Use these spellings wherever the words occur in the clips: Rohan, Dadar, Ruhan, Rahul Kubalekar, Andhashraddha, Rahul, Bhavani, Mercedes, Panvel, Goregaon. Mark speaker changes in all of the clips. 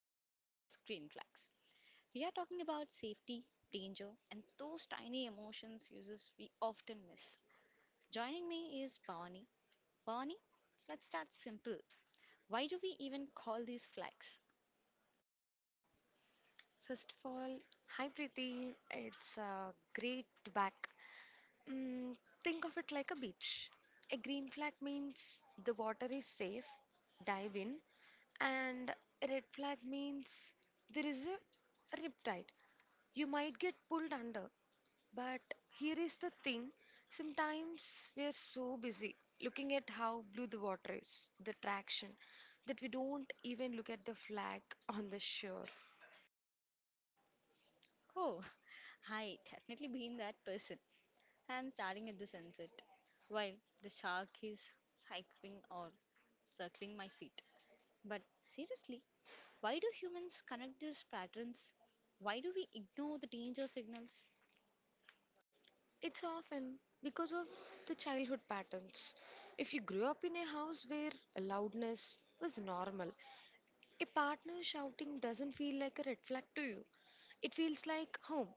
Speaker 1: flags versus green flags. We are talking about safety, danger, and those tiny emotions uses we often miss. Joining me is Bhavani. Bhavani, let's start simple. Why do we even call these flags?
Speaker 2: First of all, hi Preeti, it's great to back. Mm, think of it like a beach. A green flag means the water is safe, dive in, and a red flag means there is a riptide. You might get pulled under, but here is the thing sometimes we are so busy looking at how blue the water is, the traction, that we don't even look at the flag on the shore.
Speaker 1: Oh, I definitely been that person. And staring at the sunset while the shark is cycling or circling my feet. But seriously, why do humans connect these patterns? Why do we ignore the danger signals?
Speaker 2: It's often because of the childhood patterns. If you grew up in a house where loudness was normal, a partner shouting doesn't feel like a red flag to you. It feels like home.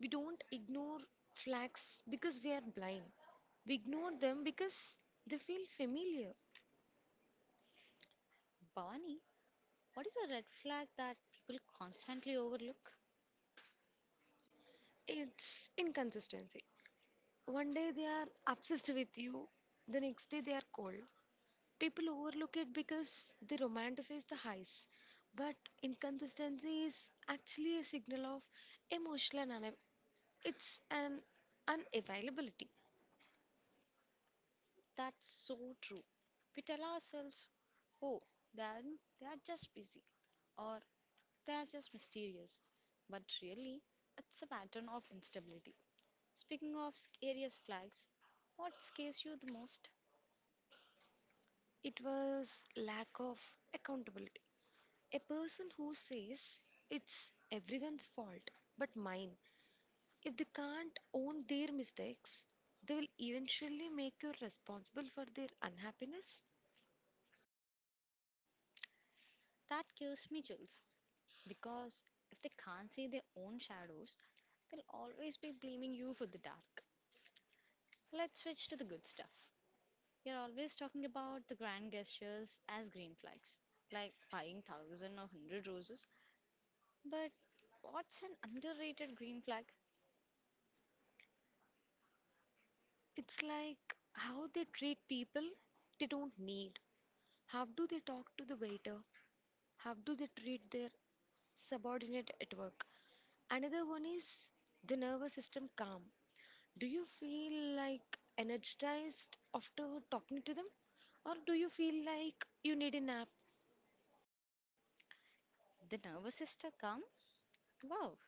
Speaker 2: We don't ignore flags because we are blind. We ignore them because they feel familiar.
Speaker 1: Barney, what is a red flag that people constantly overlook?
Speaker 2: It's inconsistency. One day they are obsessed with you, the next day they are cold. People overlook it because they romanticize the highs, but inconsistency is actually a signal of emotional un- it's an unavailability.
Speaker 1: That's so true. We tell ourselves, oh, they are, they are just busy or they are just mysterious. But really, it's a pattern of instability. Speaking of scariest flags, what scares you the most?
Speaker 2: It was lack of accountability. A person who says it's everyone's fault but mine, if they can't own their mistakes, they will eventually make you responsible for their unhappiness.
Speaker 1: That gives me chills. Because if they can't see their own shadows, they'll always be blaming you for the dark. Let's switch to the good stuff. You're always talking about the grand gestures as green flags, like buying thousand or hundred roses. But what's an underrated green flag?
Speaker 2: It's like how they treat people they don't need. How do they talk to the waiter? How do they treat their subordinate at work? Another one is the nervous system calm. Do you feel like energized after talking to them? Or do you feel like you need a nap?
Speaker 1: The nervous sister come? Wow,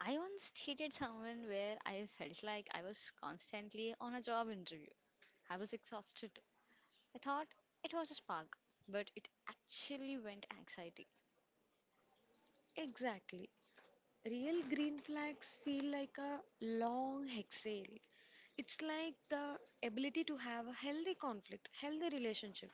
Speaker 1: I once dated someone where I felt like I was constantly on a job interview. I was exhausted. I thought it was a spark, but it actually went anxiety.
Speaker 2: Exactly. Real green flags feel like a long exhale. It's like the ability to have a healthy conflict, healthy relationship.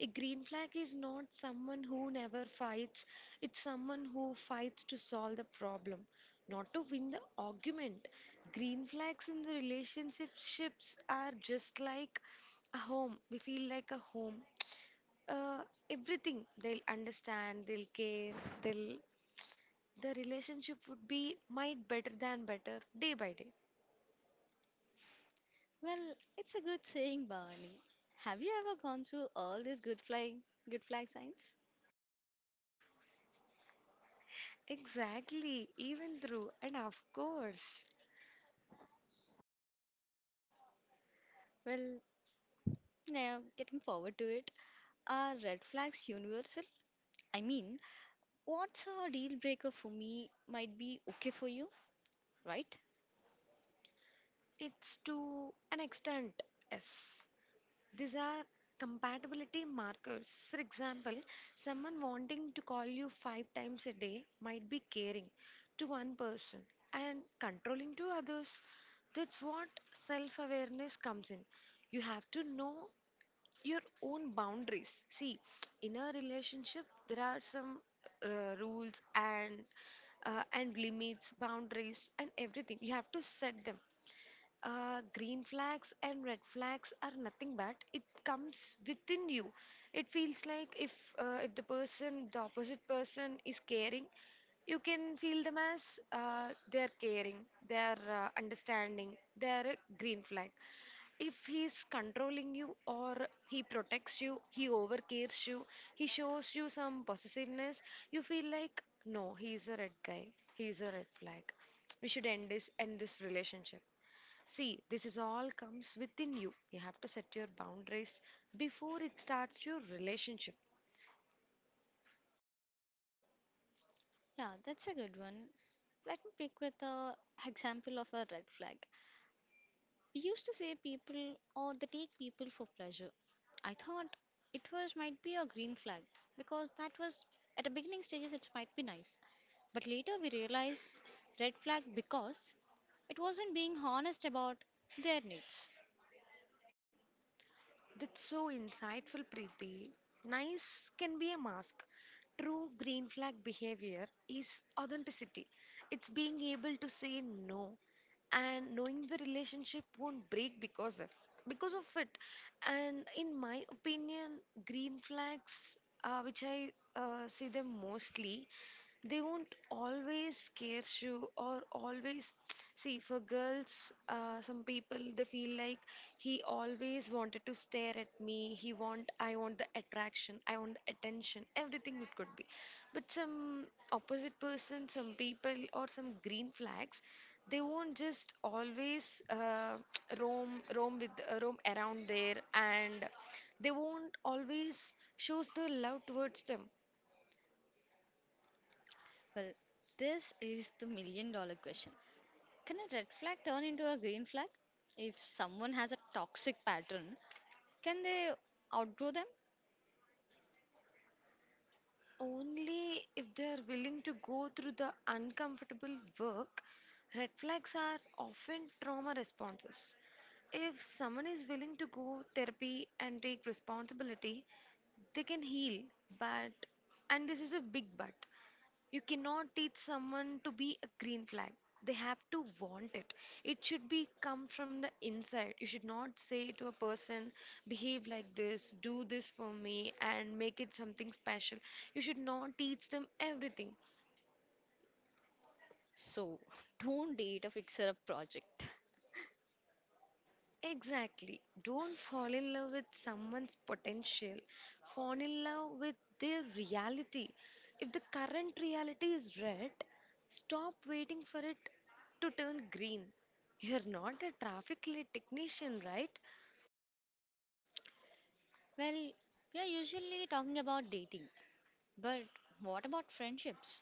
Speaker 2: A green flag is not someone who never fights, it's someone who fights to solve the problem, not to win the argument. Green flags in the relationships are just like a home. We feel like a home. Uh, everything they'll understand, they'll care, they'll the relationship would be might better than better day by day.
Speaker 1: Well, it's a good saying, Barney. Have you ever gone through all these good flag signs?
Speaker 2: Exactly, even through, and of course,
Speaker 1: Well, now getting forward to it. Are red flags universal? I mean, what's a deal breaker for me might be okay for you, right?
Speaker 2: it's to an extent, yes. These are compatibility markers. For example, someone wanting to call you five times a day might be caring to one person and controlling to others. That's what self awareness comes in. You have to know your own boundaries. See, in a relationship, there are some rules and and limits, boundaries, and everything. You have to set them. Green flags and red flags are nothing but it comes within you. It feels like, if the opposite person is caring, you can feel them as they are caring, they are understanding, they are a green flag. If he is controlling you, or he protects you, he overcares you, he shows you some possessiveness, you feel like, no, he is a red guy, he is a red flag. We should end this relationship. See, this is all comes within you. You have to set your boundaries before it starts your relationship.
Speaker 1: Yeah, that's a good one. Let me pick with a example of a red flag. We used to say people or they take people for pleasure. I thought it was might be a green flag because that was at the beginning stages it might be nice. But later we realized red flag because it wasn't being honest about their needs.
Speaker 2: That's so insightful, Preeti. Nice can be a mask. True green flag behavior is authenticity. It's being able to say no and knowing the relationship won't break because of it. And in my opinion, green flags, which I see them mostly, they won't always scare you or always see for girls some people they feel like he always wanted to stare at me. He want I want the attraction. I want the attention. Everything it could be. But some opposite person, some people or some green flags, they won't just always roam around there, and they won't always shows the love towards them.
Speaker 1: Well, this is the million dollar question. Can a red flag turn into a green flag? If someone has a toxic pattern, can they outgrow them?
Speaker 2: Only if they are willing to go through the uncomfortable work, red flags are often trauma responses. If someone is willing to go therapy and take responsibility, they can heal, but and this is a big but. You cannot teach someone to be a green flag. They have to want it. It should be come from the inside. You should not say to a person, behave like this, do this for me, and make it something special. You should not teach them everything.
Speaker 1: So, don't date a fixer up project.
Speaker 2: Exactly. Don't fall in love with someone's potential. Fall in love with their reality. If the current reality is red, stop waiting for it to turn green. You're not a traffic light technician, right?
Speaker 1: Well, we are usually talking about dating, but what about friendships?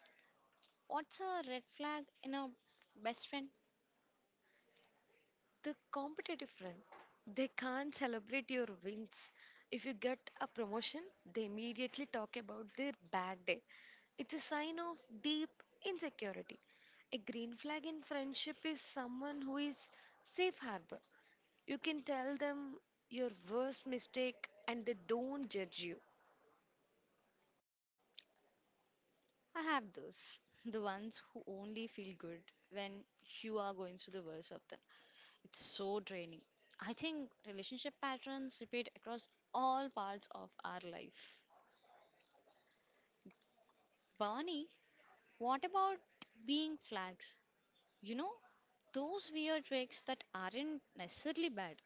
Speaker 1: What's a red flag in a best friend?
Speaker 2: The competitive friend, they can't celebrate your wins. If you get a promotion, they immediately talk about their bad day. It's a sign of deep insecurity. A green flag in friendship is someone who is safe harbor. You can tell them your worst mistake and they don't judge you.
Speaker 1: I have those. The ones who only feel good when you are going through the worst of them. It's so draining. I think relationship patterns repeat across all parts of our life. Barney, what about being flags? You know, those weird tricks that aren't necessarily bad,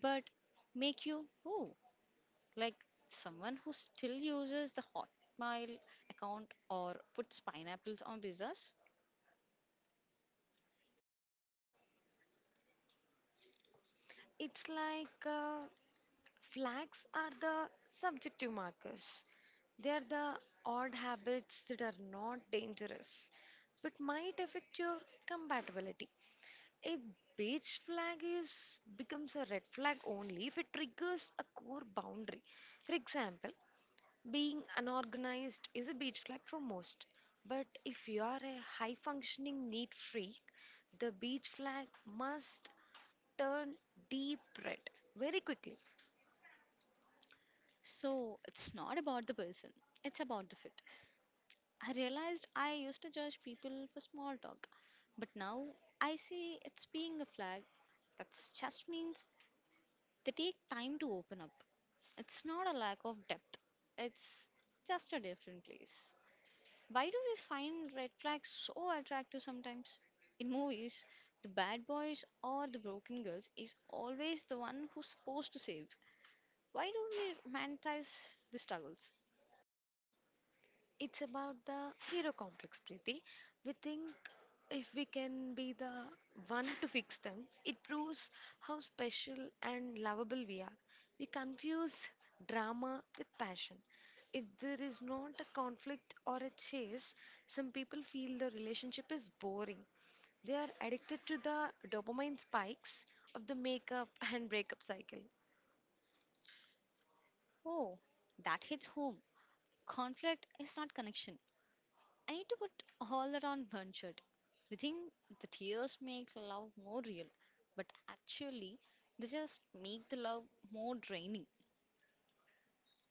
Speaker 1: but make you, ooh, like someone who still uses the Hotmail account or puts pineapples on pizzas.
Speaker 2: It's like flags are the subjective markers. They are the odd habits that are not dangerous but might affect your compatibility. A beige flag is becomes a red flag only if it triggers a core boundary. For example, being unorganized is a beige flag for most. But if you are a high functioning neat freak, the beige flag must turn deep red very quickly.
Speaker 1: So it's not about the person, it's about the fit. I realized I used to judge people for small talk, but now I see it's being a flag that just means they take time to open up. It's not a lack of depth, it's just a different place. Why do we find red flags so attractive sometimes? In movies, the bad boys or the broken girls is always the one who's supposed to save. Why do we romanticize the struggles?
Speaker 2: It's about the hero complex, Preeti. We think if we can be the one to fix them, it proves how special and lovable we are. We confuse drama with passion. If there is not a conflict or a chase, some people feel the relationship is boring. They are addicted to the dopamine spikes of the makeup and breakup cycle.
Speaker 1: Oh, that hits home. Conflict is not connection. I need to put all that on one shirt. We think the tears make love more real, but actually, they just make the love more draining.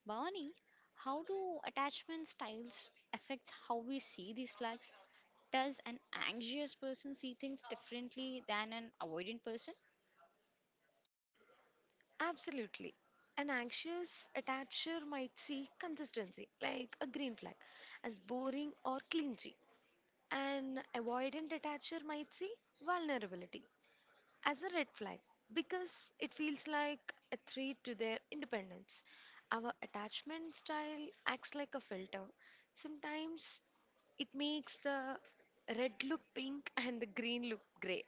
Speaker 1: Barney, how do attachment styles affect how we see these flags? Does an anxious person see things differently than an avoidant person?
Speaker 2: Absolutely. An anxious attacher might see consistency, like a green flag, as boring or clingy. An avoidant attacher might see vulnerability as a red flag because it feels like a threat to their independence. Our attachment style acts like a filter. Sometimes it makes the red look pink and the green look gray.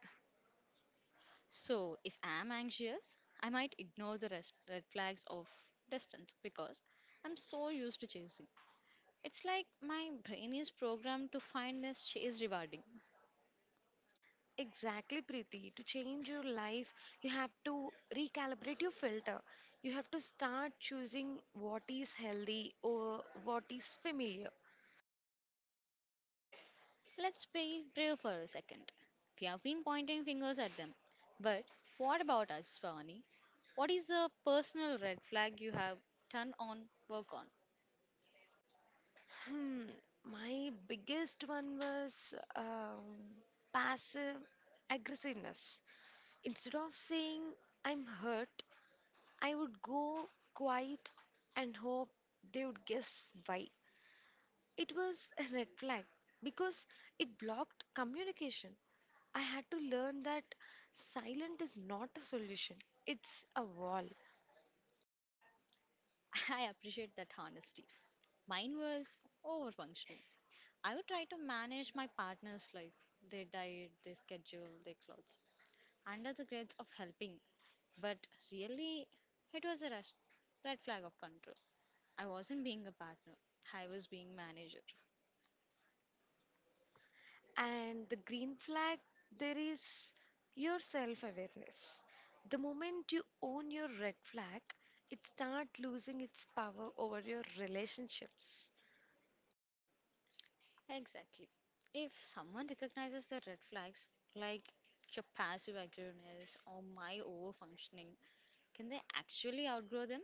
Speaker 1: So, if I'm anxious, I might ignore the red flags of distance because I'm so used to chasing. It's like my brain is programmed to find this chase rewarding.
Speaker 2: Exactly, Preeti. To change your life, you have to recalibrate your filter. You have to start choosing what is healthy over what is familiar.
Speaker 1: Let's be real for a second. We have been pointing fingers at them. But what about us, Pavani? What is a personal red flag you have done on work on?
Speaker 2: Hmm, my biggest one was passive aggressiveness. Instead of saying I'm hurt, I would go quiet and hope they would guess why. It was a red flag because it blocked communication. I had to learn that silent is not a solution, it's a wall.
Speaker 1: I appreciate that honesty. Mine was overfunctioning. I would try to manage my partner's life, their diet, their schedule, their clothes, under the guise of helping. But really, it was a rush, red flag of control. I wasn't being a partner, I was being manager.
Speaker 2: And the green flag, there is your self awareness. The moment you own your red flag, it starts losing its power over your relationships.
Speaker 1: Exactly. If someone recognizes the red flags, like your passive aggressiveness or my over functioning, can they actually outgrow them?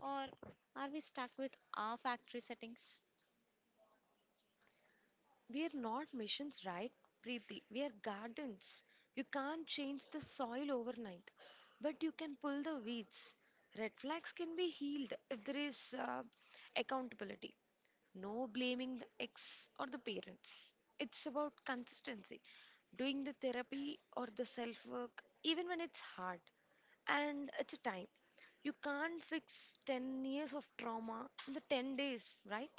Speaker 1: Or are we stuck with our factory settings?
Speaker 2: We're not missions, right, Preeti? We are gardens. You can't change the soil overnight, but you can pull the weeds. Red flags can be healed if there is accountability. No blaming the ex or the parents. It's about consistency, doing the therapy or the self work, even when it's hard. And it's a time. You can't fix 10 years of trauma in the 10 days, right?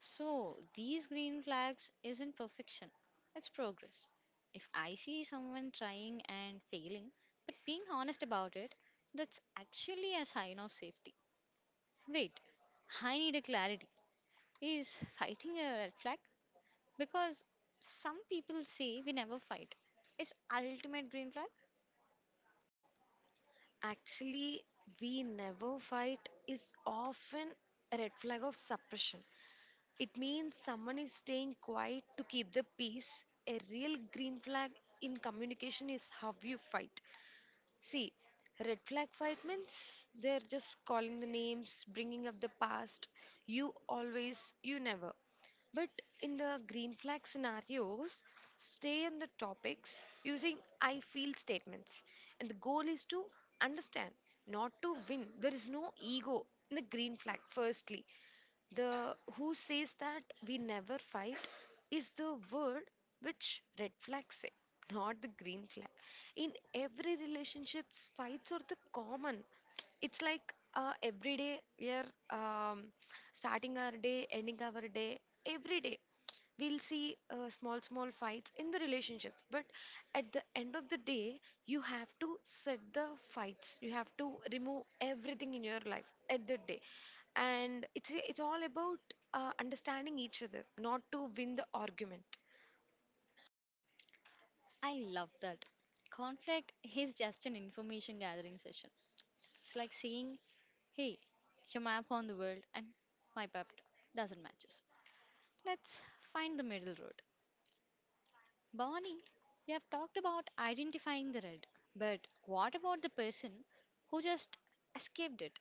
Speaker 1: So, these green flags isn't perfection, it's progress. If I see someone trying and failing, but being honest about it, that's actually a sign of safety. Wait, I need a clarity. Is fighting a red flag? Because some people say we never fight. It's ultimate green flag.
Speaker 2: Actually, we never fight is often a red flag of suppression. It means someone is staying quiet to keep the peace. A real green flag in communication is how you fight. See, red flag fight means they're just calling the names, bringing up the past. You always, you never. But in the green flag scenarios, stay on the topics using I feel statements. And the goal is to understand, not to win. There is no ego in the green flag, firstly. The who says that we never fight is the word which red flags say, not the green flag. In every relationships, fights are the common. It's like every day we are um, starting our day, ending our day. Every day we'll see small small fights in the relationships, but at the end of the day you have to set the fights, you have to remove everything in your life at the day, and it's all about understanding each other, not to win the argument.
Speaker 1: I love that. Conflict is just an information gathering session. It's like saying, hey, your map on the world and my map doesn't matches. Let's find the middle road. Bonnie, we have talked about identifying the red, but what about the person who just escaped it?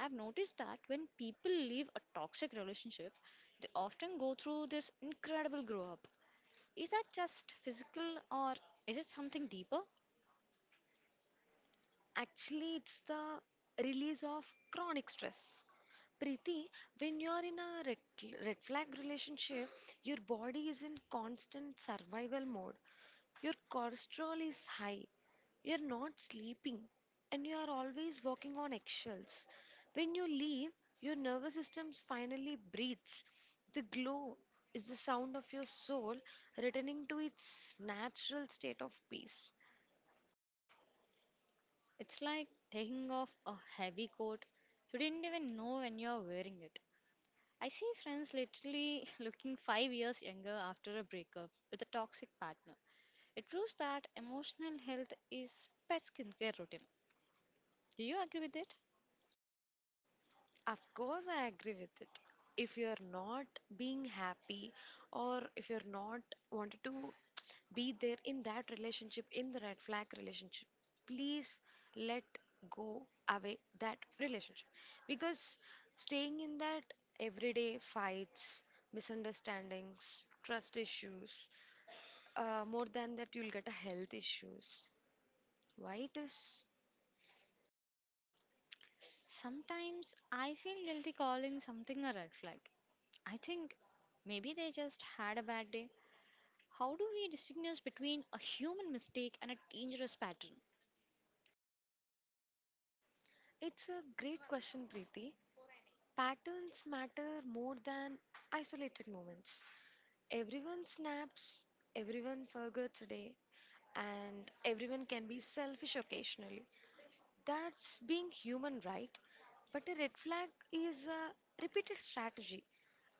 Speaker 1: I've noticed that when people leave a toxic relationship, they often go through this incredible grow up. Is that just physical or is it something deeper?
Speaker 2: Actually, it's the release of chronic stress, Preeti. When you are in a red flag relationship, your body is in constant survival mode. Your cortisol is high, you're not sleeping and you are always walking on eggshells. When you leave, your nervous system finally breathes. The glow is the sound of your soul returning to its natural state of peace.
Speaker 1: It's like taking off a heavy coat. You didn't even know when you're wearing it. I see friends literally looking five years younger after a breakup with a toxic partner. It proves that emotional health is pet skincare routine. Do you agree with it?
Speaker 2: Of course, I agree with it. If you're not being happy or if you're not wanted to be there in that relationship, in the red flag relationship, please let go away that relationship. Because staying in that everyday fights, misunderstandings, trust issues, more than that, you'll get a health issues. Why it is?
Speaker 1: Sometimes I feel guilty calling something a red flag. I think maybe they just had a bad day. How do we distinguish between a human mistake and a dangerous pattern?
Speaker 2: It's a great question, Preeti. Patterns matter more than isolated moments. Everyone snaps, everyone forgets a day, and everyone can be selfish occasionally. That's being human, right? But a red flag is a repeated strategy.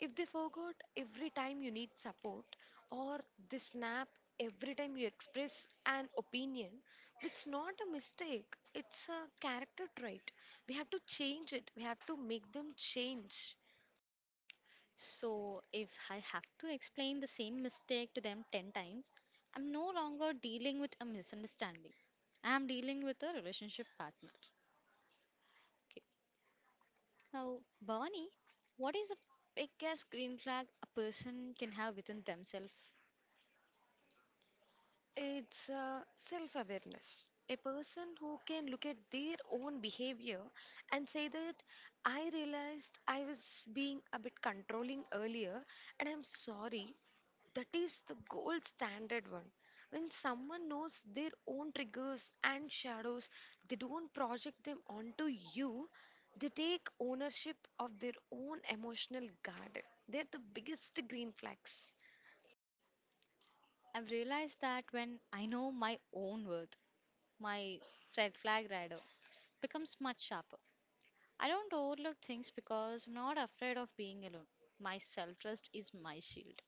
Speaker 2: If they forgot every time you need support, or they snap every time you express an opinion, that's not a mistake. It's a character trait. We have to change it, we have to make them change.
Speaker 1: So, if I have to explain the same mistake to them 10 times, I'm no longer dealing with a misunderstanding. I'm dealing with a relationship partner. Okay. Now, Bhavani, what is the biggest green flag a person can have within themselves?
Speaker 2: It's self awareness. A person who can look at their own behavior and say that I realized I was being a bit controlling earlier and I'm sorry. That is the gold standard one. When someone knows their own triggers and shadows, they don't project them onto you. They take ownership of their own emotional garden. They're the biggest green flags.
Speaker 1: I've realized that when I know my own worth, my red flag rider becomes much sharper. I don't overlook things because I'm not afraid of being alone. My self trust is my shield.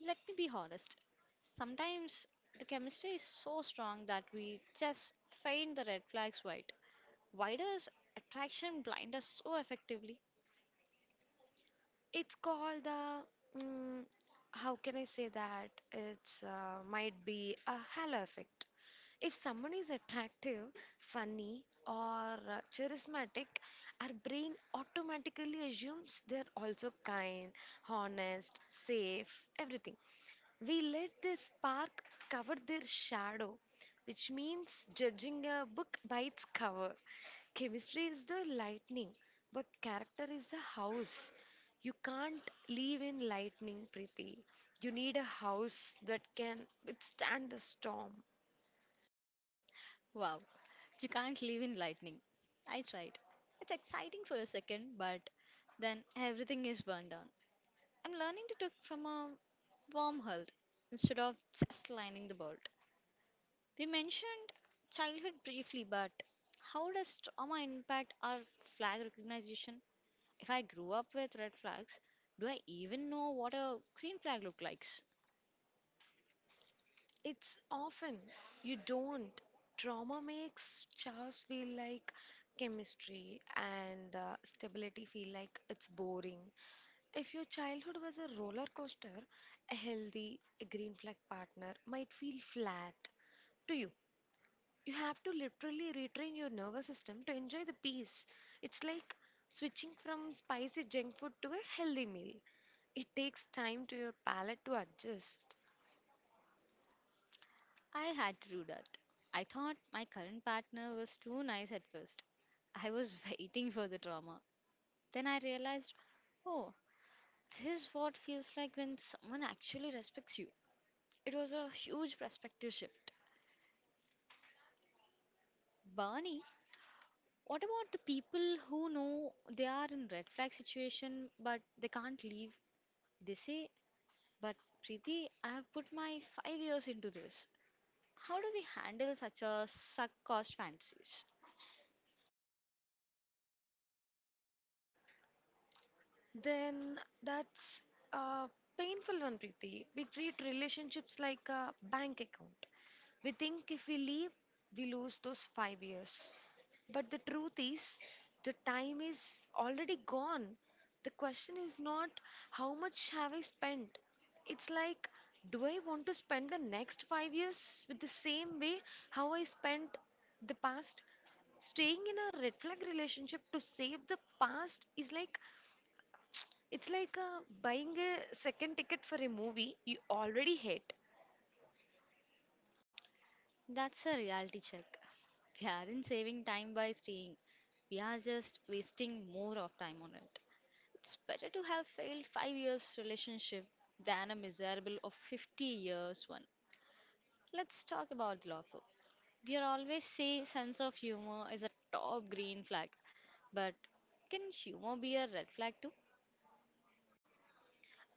Speaker 1: Let me be honest. Sometimes the chemistry is so strong that we just faint the red flags white. Why does attraction blind us so effectively?
Speaker 2: It's called the, mm, how can I say that? It's Might be a halo effect. If someone is attractive, funny, or charismatic, our brain automatically assumes they're also kind, honest, safe, everything. We let their spark cover their shadow, which means judging a book by its cover. Chemistry is the lightning, but character is the house. You can't live in lightning, Preeti. You need a house that can withstand the storm.
Speaker 1: Wow, you can't live in lightning. I tried. It's exciting for a second, but then everything is burned down. I'm learning to take from a warm wormhole instead of just lining the bolt. We mentioned childhood briefly, but how does trauma impact our flag recognition? If I grew up with red flags, do I even know what a green flag look like?
Speaker 2: It's often you don't. Trauma makes chores feel like chemistry and stability feel like it's boring. If your childhood was a roller coaster, a healthy a green flag partner might feel flat to you. You have to literally retrain your nervous system to enjoy the peace. It's like switching from spicy junk food to a healthy meal. It takes time to your palate to adjust.
Speaker 1: I had to do that. I thought my current partner was too nice at first. I was waiting for the drama. Then I realized, oh, this is what feels like when someone actually respects you. It was a huge perspective shift. Barney, what about the people who know they are in red flag situation but they can't leave? They say, but Preeti, I have put my five years into this. How do we handle such a suck cost fantasies?
Speaker 2: Then that's a painful one, Preeti. We treat relationships like a bank account. We think if we leave, we lose those 5 years. But the truth is, the time is already gone. The question is not how much have I spent. It's like, do I want to spend the next 5 years with the same way how I spent the past? Staying in a red flag relationship to save the past is like it's like buying a second ticket for a movie you already hate.
Speaker 1: That's a reality check. We aren't saving time by staying, we are just wasting more of time on it. It's better to have failed five years relationship than a miserable of 50 years one. Let's talk about the lawful. We are always say sense of humor is a top green flag, but can humor be a red flag too?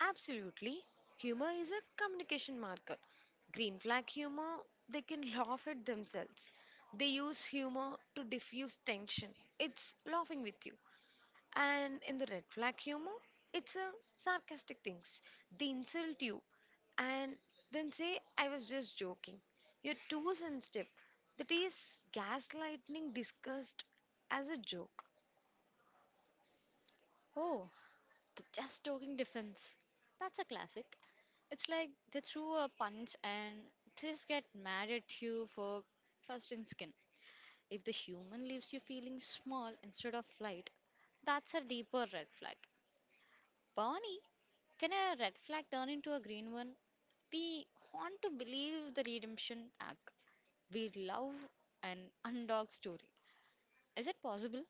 Speaker 2: Absolutely. Humor is a communication marker. Green flag humor, they can laugh at themselves. They use humor to diffuse tension. It's laughing with you. And in the red flag humor, it's a sarcastic things. They insult you and then say, I was just joking. You're too sensitive. That is gaslighting discussed as a joke.
Speaker 1: Oh, the just talking defense. That's a classic. It's like they threw a punch and just get mad at you for trust in skin. If the human leaves you feeling small instead of light, that's a deeper red flag. Bonnie, can a red flag turn into a green one? We want to believe the redemption arc. We love an underdog story. Is it possible?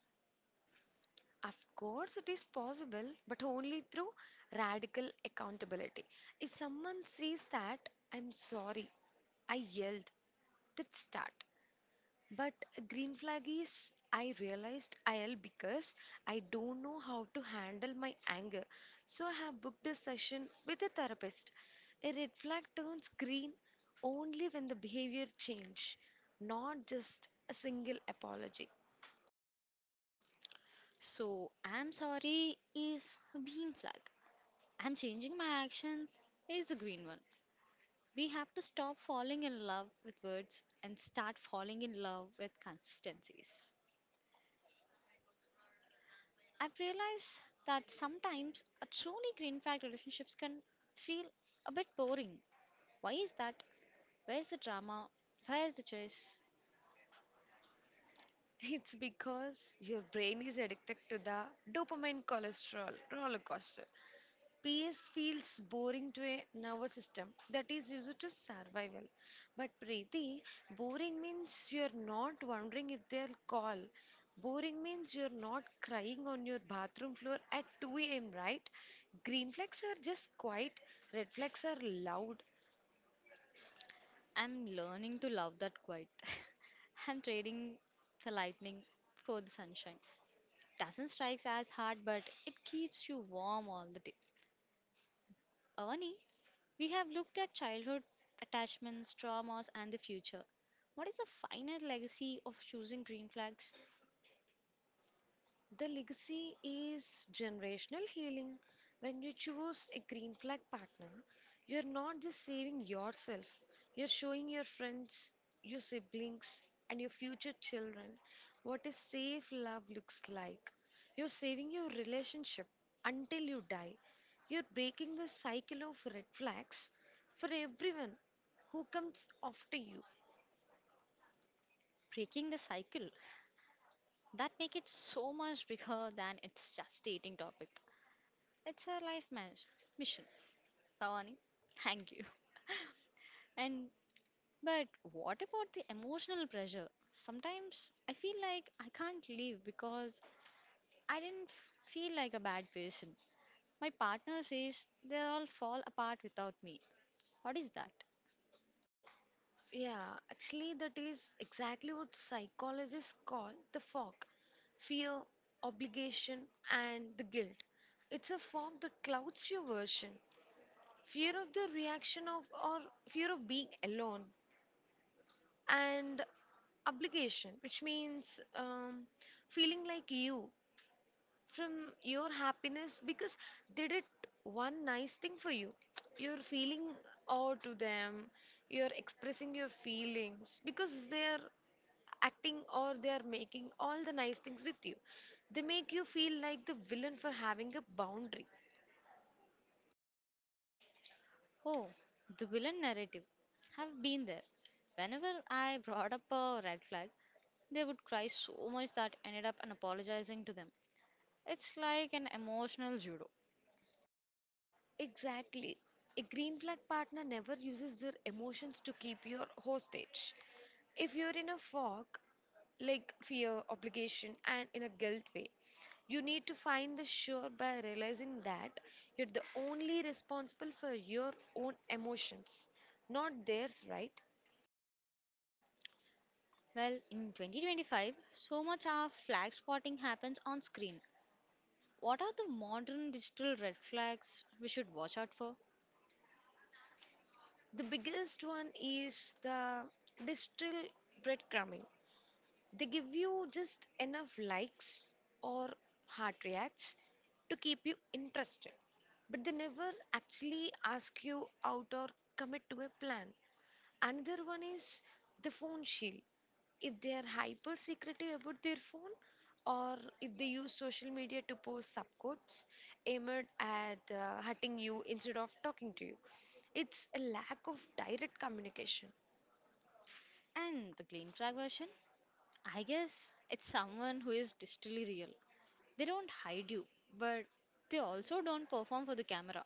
Speaker 2: Of course, it is possible, but only through radical accountability. If someone sees that, I'm sorry, I yelled, let's start. But a green flag is, I realized I yelled because I don't know how to handle my anger. So I have booked a session with a therapist. A red flag turns green only when the behavior change, not just a single apology.
Speaker 1: So, I'm sorry is a bean flag. I'm changing my actions is the green one. We have to stop falling in love with words and start falling in love with consistencies. I've realized that sometimes a truly green flag relationships can feel a bit boring. Why is that? Where's the drama? Where's the chase?
Speaker 2: It's because your brain is addicted to the dopamine cholesterol roller coaster. Peace feels boring to a nervous system that is used to survival. But Preeti, boring means you're not wondering if they'll call. Boring means you're not crying on your bathroom floor at 2 a.m., right? Green flags are just quiet, red flags are loud.
Speaker 1: I'm learning to love that quite. I'm trading the lightning for the sunshine. Doesn't strike as hard, but it keeps you warm all the day. Avani, we have looked at childhood attachments, traumas, and the future. What is the final legacy of choosing green flags?
Speaker 2: The legacy is generational healing. When you choose a green flag partner, you're not just saving yourself, you're showing your friends, your siblings, and your future children what a safe love looks like. You're saving your relationship until you die. You're breaking the cycle of red flags for everyone who comes after you.
Speaker 1: Breaking the cycle. That make it so much bigger than it's just dating topic. It's a life mission. Pavani, thank you. And but what about the emotional pressure? Sometimes I feel like I can't leave because I didn't feel like a bad person. My partner says they all fall apart without me. What is that?
Speaker 2: Yeah, actually, that is exactly what psychologists call the fog: fear, obligation, and the guilt. It's a fog that clouds your version, fear of the reaction of, or fear of being alone, and obligation, which means feeling like you from your happiness because they did one nice thing for you. You're feeling awe to them, you're expressing your feelings because they are acting or they are making all the nice things with you. They make you feel like the villain for having a boundary.
Speaker 1: Oh, the villain narrative. Have been there. Whenever I brought up a red flag, they would cry so much that I ended up and apologizing to them. It's like an emotional judo.
Speaker 2: Exactly. A green flag partner never uses their emotions to keep you hostage. If you're in a fog, like fear, obligation, and in a guilt way, you need to find the sure by realizing that you're the only responsible for your own emotions, not theirs, right?
Speaker 1: Well, in 2025, so much of flag spotting happens on screen. What are the modern digital red flags we should watch out for?
Speaker 2: The biggest one is the distal breadcrumbing. They give you just enough likes or heart reacts to keep you interested, but they never actually ask you out or commit to a plan. Another one is the phone shield. If they are hyper secretive about their phone, or if they use social media to post subcodes aimed at hurting you instead of talking to you, it's a lack of direct communication.
Speaker 1: And the green flag version? I guess it's someone who is digitally real. They don't hide you, but they also don't perform for the camera.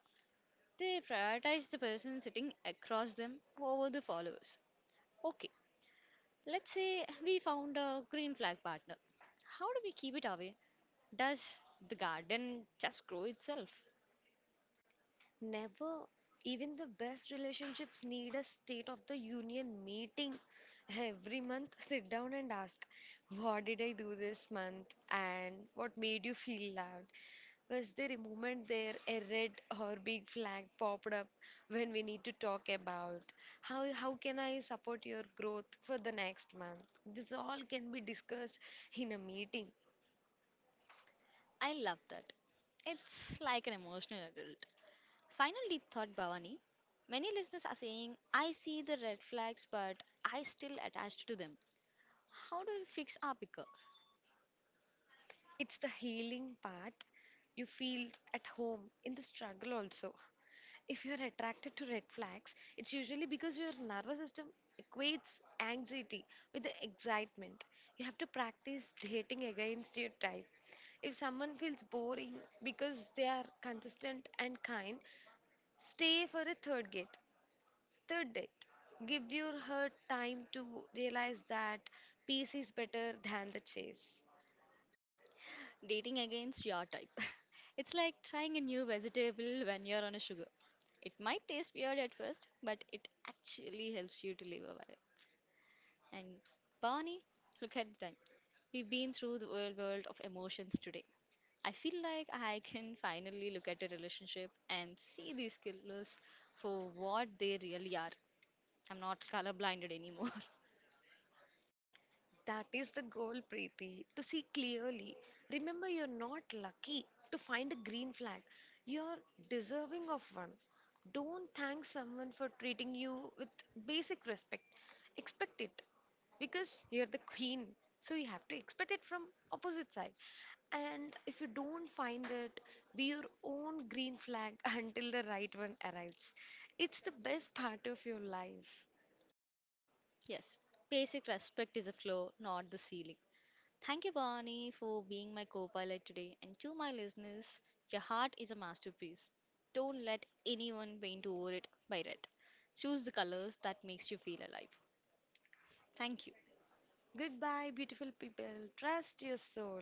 Speaker 1: They prioritize the person sitting across them over the followers. Okay, let's say we found a green flag partner. How do we keep it away? Does the garden just grow itself?
Speaker 2: Never. Even the best relationships need a State of the Union meeting every month. Sit down and ask, what did I do this month? And what made you feel loved? Was there a moment there, a red or big flag popped up when we need to talk about how can I support your growth for the next month? This all can be discussed in a meeting.
Speaker 1: I love that. It's like an emotional adult. Final deep thought, Bhavani. Many listeners are saying, I see the red flags, but I still attached to them. How do we fix our picker?
Speaker 2: It's the healing part. You feel at home in the struggle also. If you're attracted to red flags, it's usually because your nervous system equates anxiety with the excitement. You have to practice dating against your type. If someone feels boring because they are consistent and kind, stay for a third date. Third date. Give your her time to realize that peace is better than the chase.
Speaker 1: Dating against your type. It's like trying a new vegetable when you're on a sugar. It might taste weird at first, but it actually helps you to live a while. And Barney, look at the time. We've been through the world of emotions today. I feel like I can finally look at a relationship and see these killers for what they really are. I'm not colorblinded anymore.
Speaker 2: That is the goal, Preeti, to see clearly. Remember, you're not lucky to find a green flag, you're deserving of one. Don't thank someone for treating you with basic respect. Expect it because you're the queen. So you have to expect it from opposite side. And if you don't find it, be your own green flag until the right one arrives. It's the best part of your life.
Speaker 1: Yes, basic respect is a floor, not the ceiling. Thank you, Barney, for being my co pilot today. And to my listeners, your heart is a masterpiece. Don't let anyone paint over it by red. Choose the colors that makes you feel alive. Thank you.
Speaker 2: Goodbye, beautiful people. Trust your soul.